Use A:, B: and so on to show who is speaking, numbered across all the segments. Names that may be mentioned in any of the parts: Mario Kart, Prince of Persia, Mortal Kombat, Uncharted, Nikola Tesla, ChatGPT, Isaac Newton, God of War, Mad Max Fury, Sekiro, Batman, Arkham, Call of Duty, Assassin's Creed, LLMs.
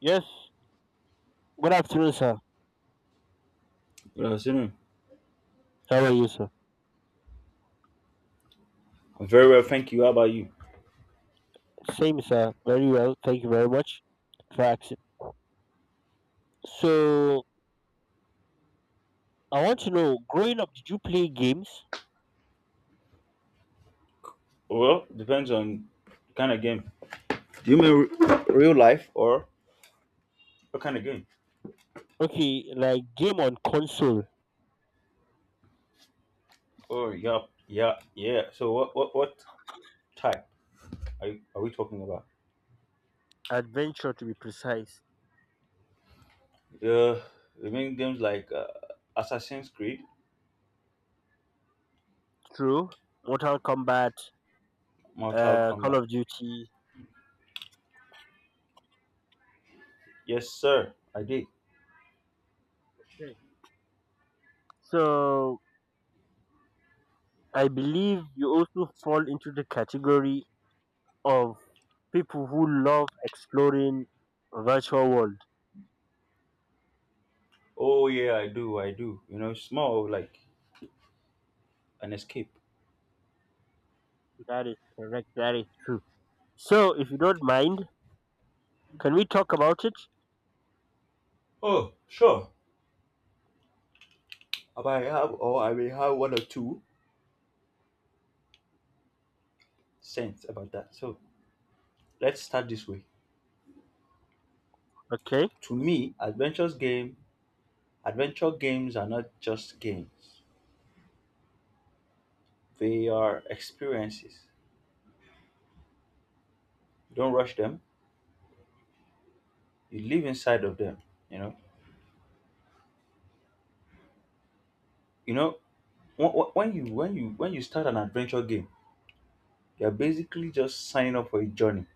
A: Yes. Good afternoon, sir.
B: Good afternoon.
A: How are you, sir?
B: I'm very well, thank you. How about you?
A: Same, sir. Very well. Thank you very much for asking. So, I want to know, growing up, did you play games?
B: Well, depends on the kind of game. Do you mean real life or what kind of game?
A: Okay, like game on console,
B: Oh, yeah. So what type are, you, are we talking about?
A: adventure to be precise.
B: Uh, we mean games like Assassin's Creed,
A: True. Mortal Kombat,
B: Mortal
A: Call
B: Kombat.
A: of Duty.
B: Yes, sir, I did.
A: Right. So, I believe you also fall into the category of people who love exploring virtual world.
B: Oh yeah, I do. You know, it's more of like an escape.
A: That is correct. That is true. So, if you don't mind. Can we talk about it?
B: Oh, sure. I might have, or I may have one or two cents about that. So let's start this way.
A: Okay,
B: To me, adventure games are not just games. They are experiences. You don't rush them. You live inside of them. You know. You know. When you start an adventure game, you're basically just signing up for a journey.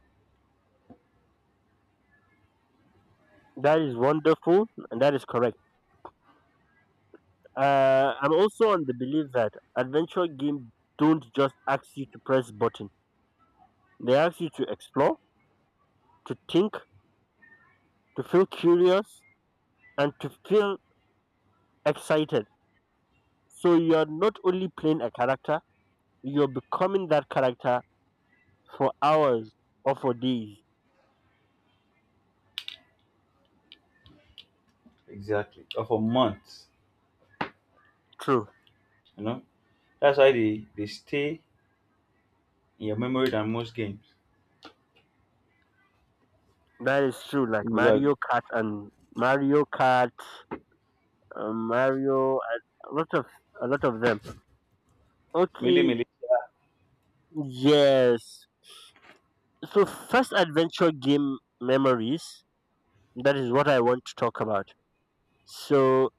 A: that is wonderful and that is correct. I'm also on the belief that adventure games don't just ask you to press button. They ask you to explore, to think, to feel curious, and to feel excited. So you are not only playing a character, you're becoming that character for hours or for days.
B: Exactly. Or for months.
A: True,
B: You know. That's why they stay in your memory than most games.
A: that is true. Like
B: You know, you're
A: Mario Kart and Mario Kart, Mario, a lot of them.
B: Mili
A: Okay,
B: Mili.
A: yes. So, first adventure game memories, that is what I want to talk about. So,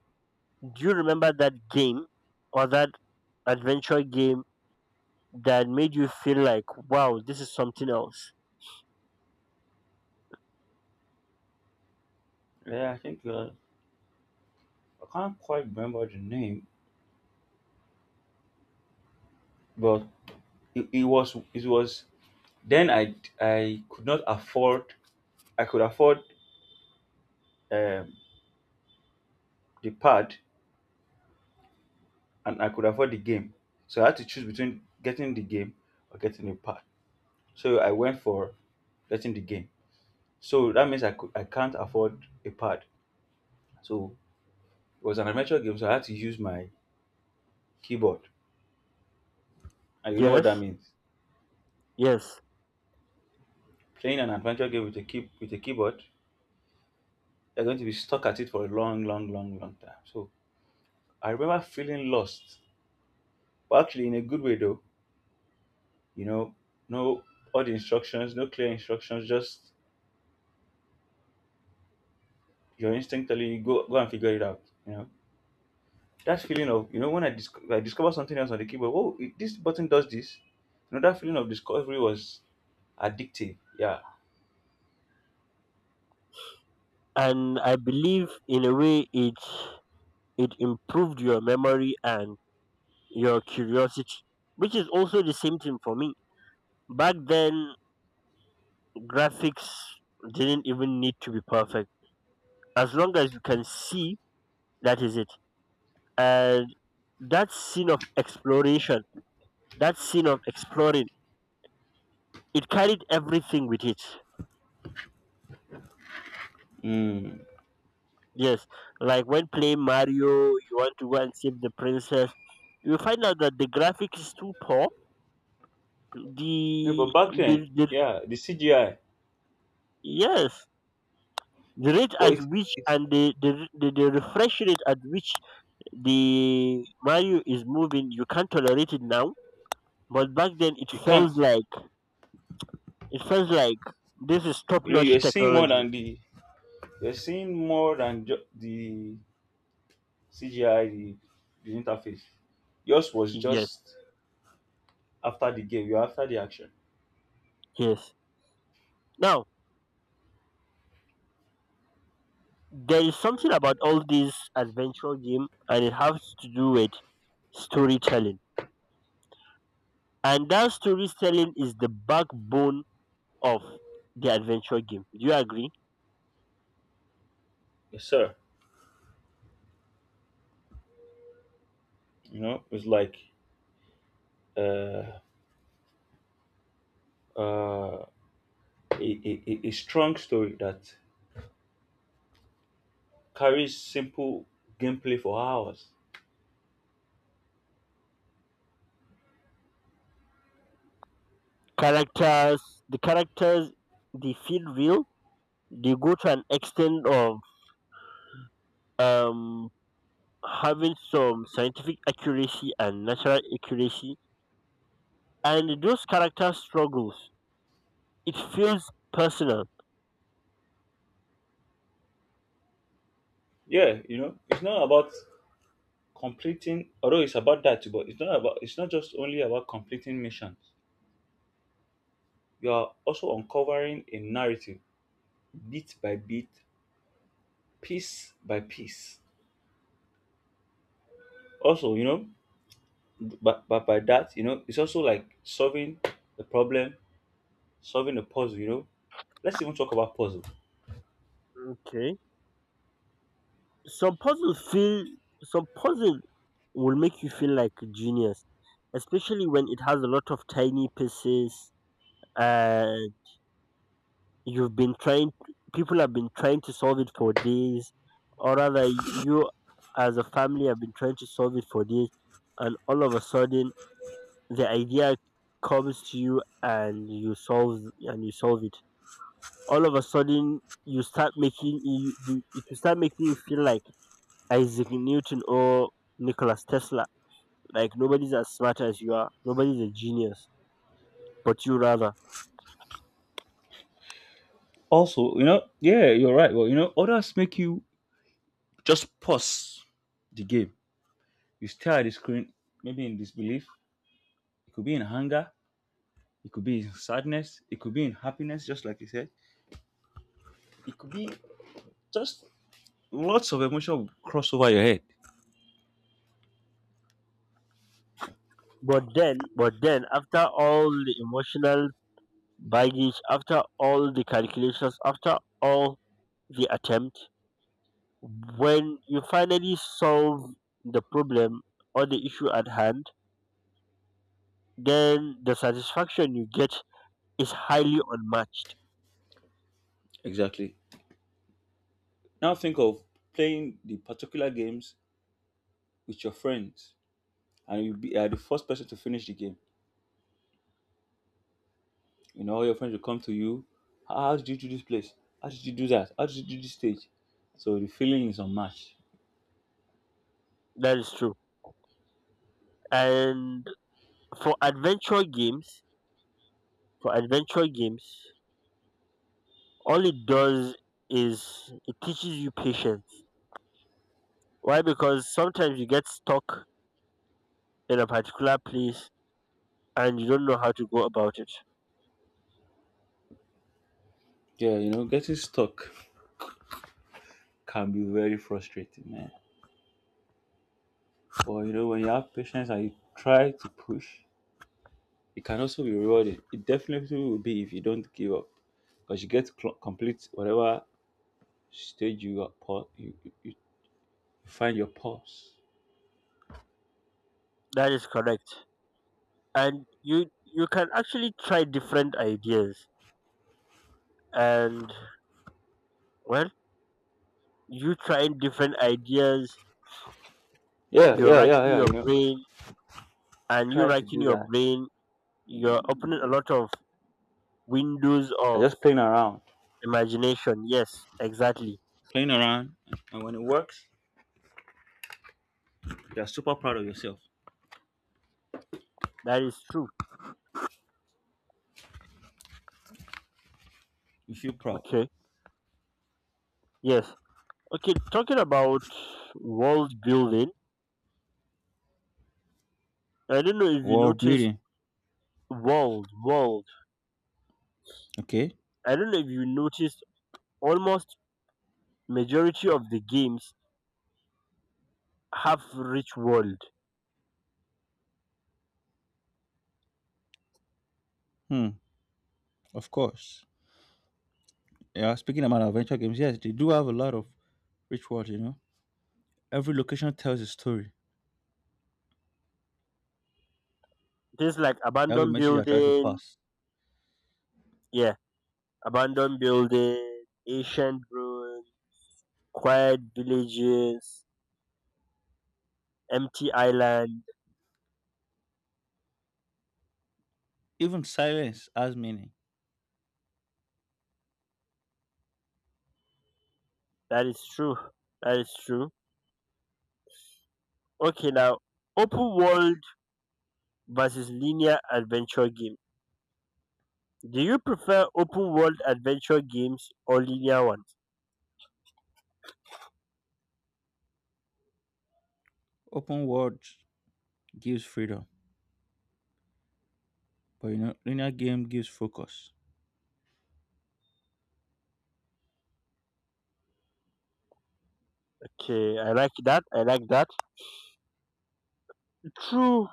A: do you remember that game or that adventure game that made you feel like, wow, this is something else?
B: Yeah, I think I can't quite remember the name, but it was Then I could not afford I could afford um, the pad and I could afford the game. So I had to choose between getting the game or getting the pad. So I went for getting the game. So that means I can't afford a pad. So it was an adventure game, so I had to use my keyboard. And you know what
A: Yes,
B: that means?
A: yes.
B: Playing an adventure game with a keyboard, you're going to be stuck at it for a long, long, long, long time. So I remember feeling lost. But actually in a good way though, you know, no all the instructions, no clear instructions, just your instinct telling you go go and figure it out. You know, that feeling of when I discovered something else on the keyboard, oh it, this button does this. You know that feeling of discovery was addictive. Yeah.
A: And I believe in a way it improved your memory and your curiosity, which is also the same thing for me. Back then, graphics didn't even need to be perfect as long as you can see that is it, and that scene of exploration, that scene of exploring, it carried everything with it.
B: Mm.
A: Yes, like when playing Mario, you want to go and save the princess. You find out that the graphics is too poor,
B: No, but
A: the
B: back
A: the,
B: then,
A: the
B: yeah, the CGI,
A: yes, the rate
B: but
A: at
B: it
A: which,
B: it
A: and the refresh rate at which the Mario is moving, you can't tolerate it now, but back then it
B: you can't.
A: felt like, it feels like this is top
B: You know, you
A: notch
B: are seeing more
A: technology.
B: than the you're seeing more than ju- the CGI, the interface. Yours was
A: Yes,
B: just after the game. You're after the action.
A: yes. Now, there is something about all these adventure game and it has to do with storytelling. And that storytelling is the backbone of the adventure game. Do you agree?
B: Yes, sir. It's like uh, uh, a, a strong story that carries simple gameplay for hours.
A: Characters, the characters, they feel real. They go to an extent of um, having some scientific accuracy and natural accuracy. And those character struggles, it feels personal.
B: Yeah, you know, it's not about completing, although it's about that too, but it's not just only about completing missions. You are also uncovering a narrative bit by bit, piece by piece. Also, you know, but by that, you know, it's also like solving the problem, solving the puzzle, you know. Let's even talk about puzzle.
A: Okay. Some puzzles feel some puzzle will make you feel like a genius, especially when it has a lot of tiny pieces, and you've been trying people have been trying to solve it for days, or rather you as a family have been trying to solve it for days, and all of a sudden the idea comes to you and you solve it. All of a sudden, you start making you, you it will start making you feel like Isaac Newton or Nikola Tesla. Like nobody's as smart as you are. Nobody's a genius, but you rather.
B: Also, you know, yeah, you're right. Well, you know, others make you just pause the game. You stare at the screen, maybe in disbelief. It could be in anger. It could be in sadness. It could be in happiness, just like you said. It could be just lots of emotion will cross over your head.
A: But then, after all the emotional baggage, after all the calculations, after all the attempt, when you finally solve the problem or the issue at hand, then the satisfaction you get is highly unmatched.
B: Exactly. Now think of playing the particular games with your friends, and you be are the first person to finish the game. You know, all your friends will come to you. How did you do this place? How did you do that? How did you do this stage? So the feeling is unmatched.
A: That is true. And for adventure games, for adventure games, all it does is it teaches you patience. Why? Because sometimes you get stuck in a particular place and you don't know how to go about it.
B: Yeah, you know, getting stuck can be very frustrating, man. But you know, when you have patience and you try to push, it can also be rewarding. It definitely will be if you don't give up, because you get to complete whatever stage you are pa- you find your pause.
A: That is correct. And you can actually try different ideas. And well, you trying different ideas,
B: Yeah,
A: you're
B: yeah, yeah,
A: racking
B: yeah.
A: your
B: You know,
A: brain, and
B: trying to do that.
A: you're opening a lot of windows
B: You're
A: of
B: just
A: imagination. Yes, exactly.
B: playing around, and when it works, you're super proud of yourself.
A: That is true.
B: You feel proud.
A: Okay. Yes. Okay, talking about world building, I don't know if you
B: World
A: noticed
B: building.
A: world, world.
B: Okay.
A: I don't know if you noticed almost majority of the games have rich world.
B: Hmm. Of course. Yeah. Speaking about adventure games, yes, they do have a lot of rituals, you know. Every location tells a story.
A: Things like
B: Every
A: abandoned
B: message I try to
A: building,
B: pass.
A: yeah, abandoned building, ancient ruins, quiet villages, empty island.
B: Even silence has meaning.
A: That is true. That is true. Okay, now open world versus linear adventure game. Do you prefer open world adventure games or linear ones?
B: Open world gives freedom. But you know, linear game gives focus.
A: Okay, I like that. I like that. True.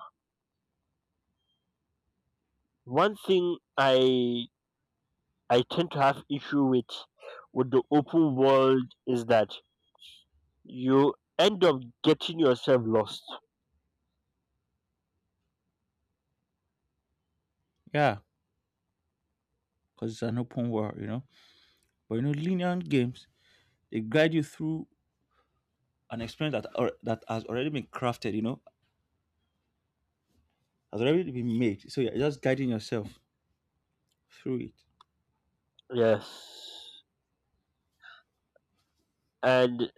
A: One thing I tend to have issue with the open world is that you end up getting yourself lost.
B: Yeah, because it's an open world, you know. But you know, linear games, they guide you through an experience that that has already been crafted, you know, has already been made. So yeah, you're just guiding yourself through it.
A: Yes. And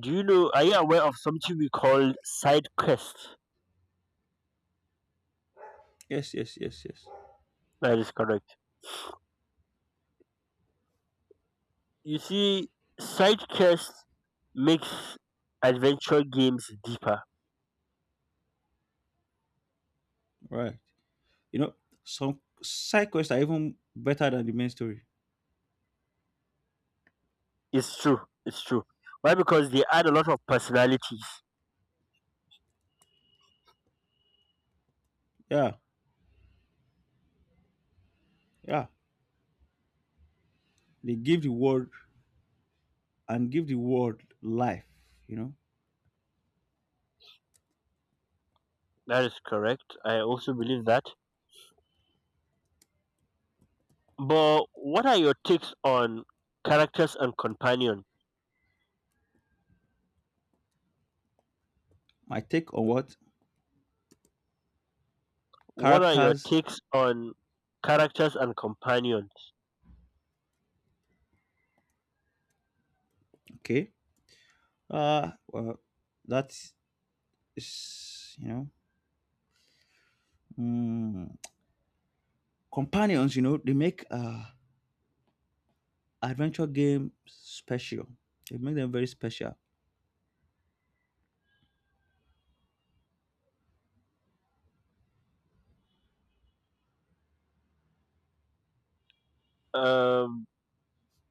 A: do you know, are you aware of something we call side quest?
B: Yes.
A: That is correct. You see, side quest makes adventure games deeper.
B: Right. You know, some side quests are even better than the main story.
A: It's true. It's true. Why? Because they add a lot of personalities.
B: Yeah, yeah. They give the world and give the world life. You know,
A: That is correct. I also believe that. But what are your takes on characters and companions?
B: my take on what?
A: What are your
B: Characters.
A: takes on characters and companions?
B: Okay, well, that is you know, mm, companions. You know, they make adventure game special. They make them very special.
A: Um,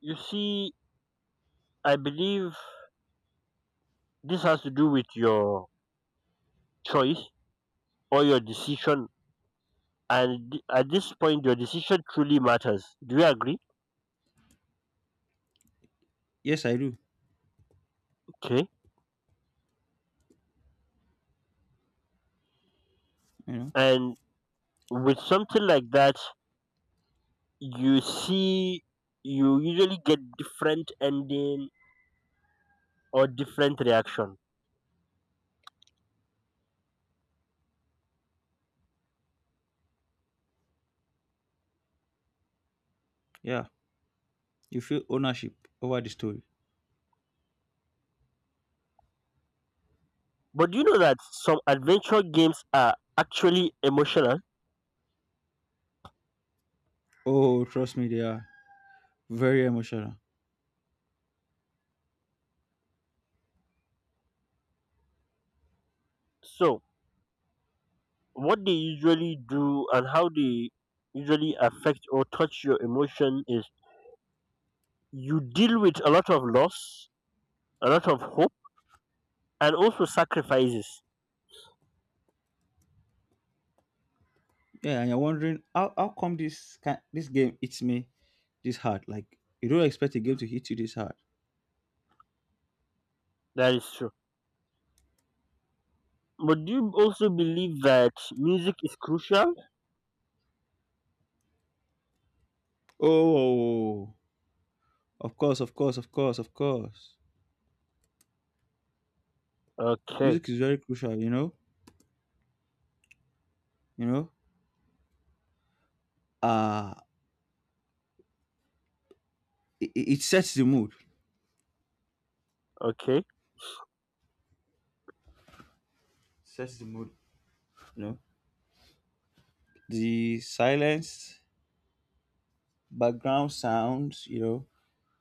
A: you see, I believe this has to do with your choice or your decision. And at this point, your decision truly matters. Do you agree?
B: Yes, I do.
A: Okay.
B: You know,
A: And with something like that, you see you usually get different ending or different reaction,
B: yeah, you feel ownership over the story.
A: but do you know that some adventure games are actually emotional?
B: Oh, trust me, they are very emotional.
A: So what they usually do and how they usually affect or touch your emotion is, you deal with a lot of loss, a lot of hope, and also sacrifices.
B: Yeah, and you're wondering how come this game hits me this hard? Like you don't expect a game to hit you this hard.
A: That is true. But do you also believe that music is crucial?
B: Oh, of course, of course, of course, of course.
A: Okay,
B: Music is very crucial, you know. You know, uh it sets the mood.
A: okay,
B: Sets the mood. You know, the silence, background sounds, you know,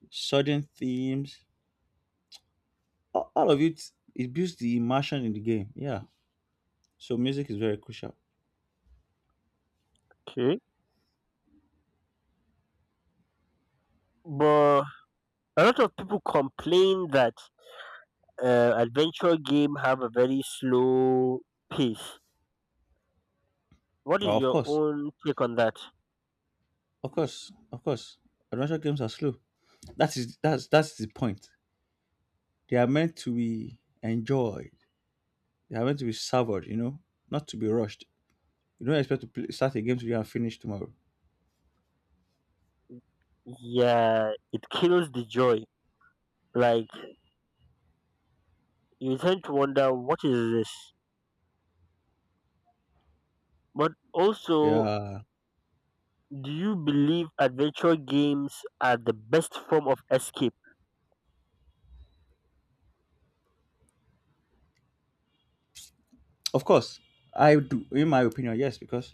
B: sudden themes, all of it. It builds the immersion in the game. Yeah. So music is very crucial.
A: okay. But a lot of people complain that adventure game have a very slow pace. What
B: Oh,
A: is
B: of
A: your
B: course,
A: own take on that?
B: of course, of course. Adventure games are slow. That is that's the point. They are meant to be enjoyed. They are meant to be savored, you know, not to be rushed. You don't expect to play, start a game today and finish tomorrow.
A: Yeah, it kills the joy. Like you tend to wonder, what is this? But also,
B: Yeah,
A: do you believe adventure games are the best form of escape?
B: of course. I do, in my opinion, yes, because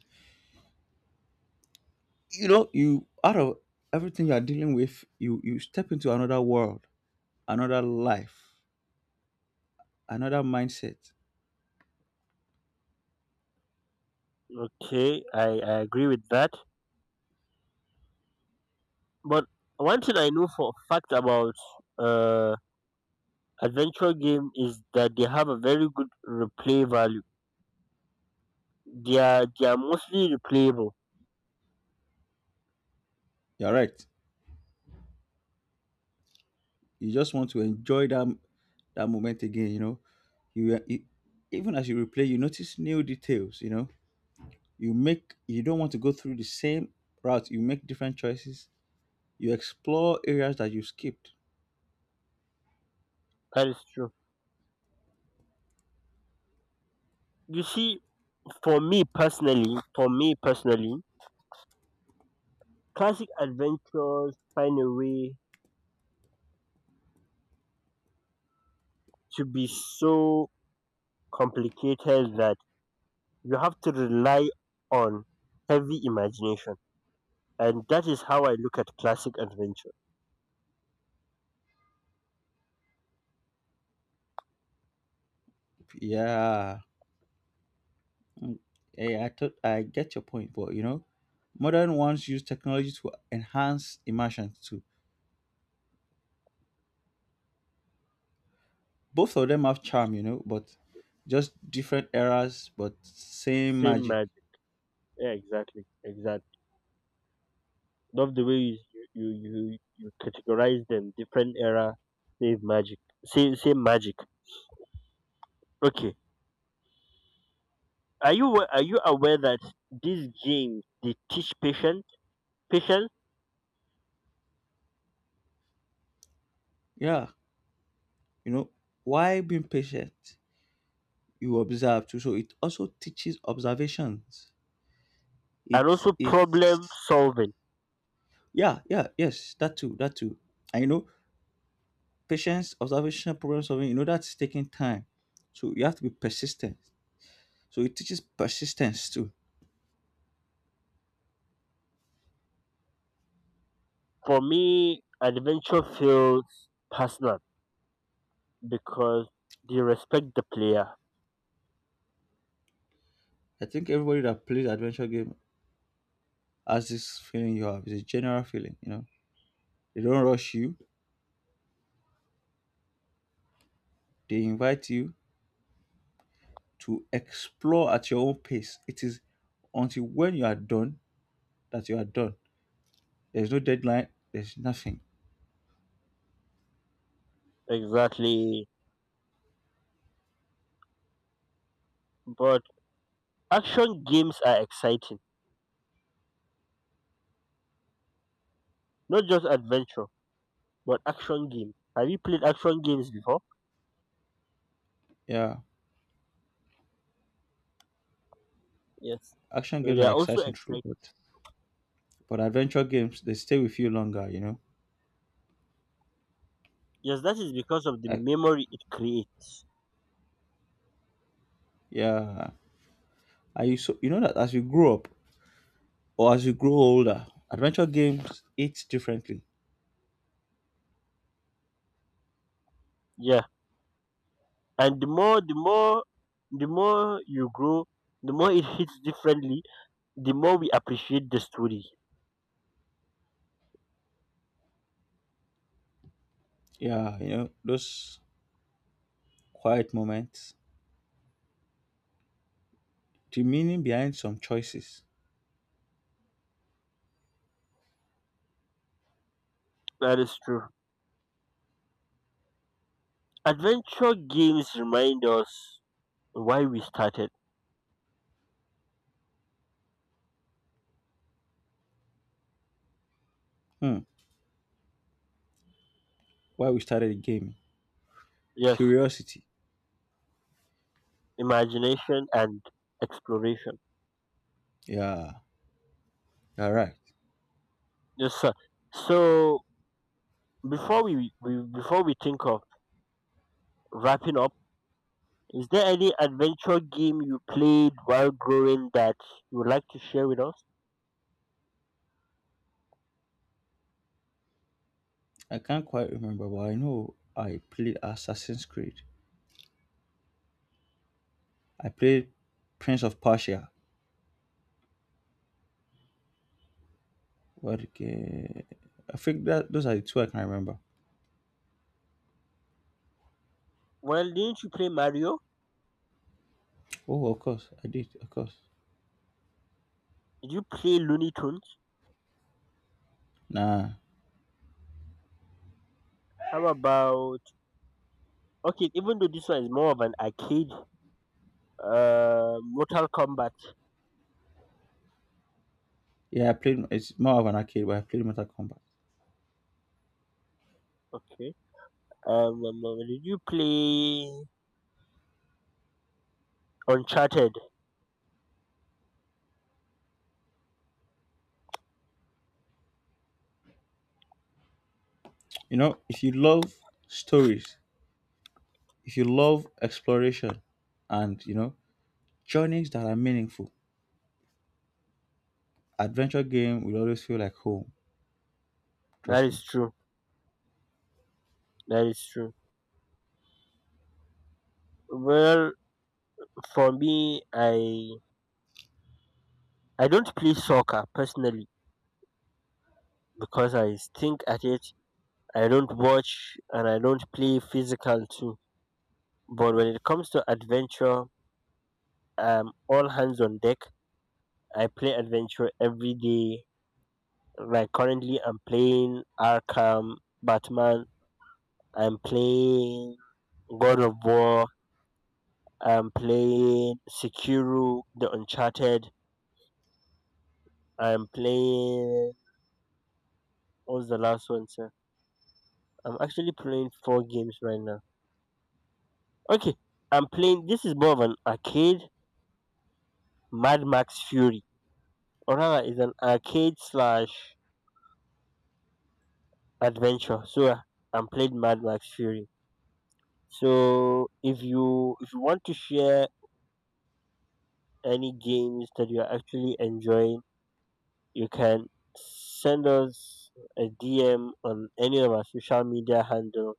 B: you know, you out of everything you are dealing with, you step into another world, another life, another mindset.
A: Okay, I agree with that. But one thing I know for a fact about uh adventure game is that they have a very good replay value. They are mostly replayable.
B: You're right. You just want to enjoy that moment again. You know, you even as you replay, you notice new details. You know, you don't want to go through the same route. You make different choices. You explore areas that you skipped.
A: That is true. You see, for me personally, classic adventures find a way to be so complicated that you have to rely on heavy imagination, and that is how I look at classic adventure.
B: Yeah. Mm, Yeah, I get your point, but you know, modern ones use technology to enhance immersion too. Both of them have charm, you know, but just different eras, but same
A: Same
B: magic.
A: magic. Yeah, exactly, exactly. Love the way you categorize them. Different era, same magic. Same magic. Okay. Are you are you aware that these games they teach patience, patience,
B: Yeah, you know, why being patient? You observe too, so it also teaches observations.
A: and
B: It's
A: also problem
B: it's
A: solving?
B: yeah, yes, that too. I know patience, observation, problem solving, you know, that's taking time. So you have to be persistent. So it teaches persistence too.
A: For me, adventure feels personal because they respect the player
B: I think everybody that plays adventure game has this feeling you have. It's a general feeling, you know. They don't rush you, they invite you to explore at your own pace. It is until when you are done that you are done. There's no deadline, there's nothing.
A: exactly. But action games are exciting, not just adventure, but action games. Have you played action games before?
B: Yeah.
A: Yes.
B: Action
A: So
B: games
A: they
B: are
A: are also
B: exciting true,
A: exciting.
B: but adventure games they stay with you longer, you know.
A: Yes, that is because of the
B: I,
A: memory it creates.
B: yeah. Are you so you know that as you grow up, or as you grow older, adventure games hit differently.
A: Yeah. And the more you grow, the more it hits differently, the more we appreciate the story.
B: Yeah, you know, those quiet moments, the meaning behind some choices.
A: That is true. Adventure games remind us why we started.
B: Hmm, why we started the game,
A: Yes,
B: curiosity.
A: imagination and exploration.
B: Yeah, you're right.
A: Yes sir. So before we think of wrapping up, is there any adventure game you played while growing that you would like to share with us?
B: I can't quite remember, but I know I played Assassin's Creed. I played Prince of Persia. What game? I think that those are the two I can remember.
A: Well, didn't you play Mario?
B: Oh, of course, I did. Of course.
A: Did you play Looney Tunes?
B: Nah.
A: How about, okay, even though this one is more of an arcade, Mortal Kombat.
B: Yeah, I played. It's more of an arcade, but I played Mortal Kombat.
A: Okay. Did you play Uncharted?
B: You know, if you love stories, if you love exploration and you know journeys that are meaningful, adventure game will always feel like home.
A: That
B: Trust me.
A: is true. That is true. Well, for me, I don't play soccer personally because I stink at it. I don't watch and I don't play physical too. But when it comes to adventure, all hands on deck. I play adventure every day. Like currently, I'm playing Arkham, Batman, I'm playing God of War. I'm playing Sekiro, The Uncharted. I'm playing. What's the last one, sir? I'm actually playing four games right now. Okay, I'm playing. This is more of an arcade, Mad Max Fury, or rather, it's an arcade slash adventure. So I'm playing Mad Max Fury. So if you want to share any games that you're actually enjoying, you can send us a DM on any of our social media handle.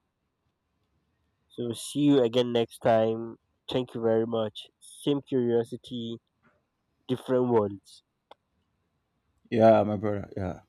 A: So see you again next time. Thank you very much. Same curiosity, different ones.
B: Yeah, my brother. Yeah.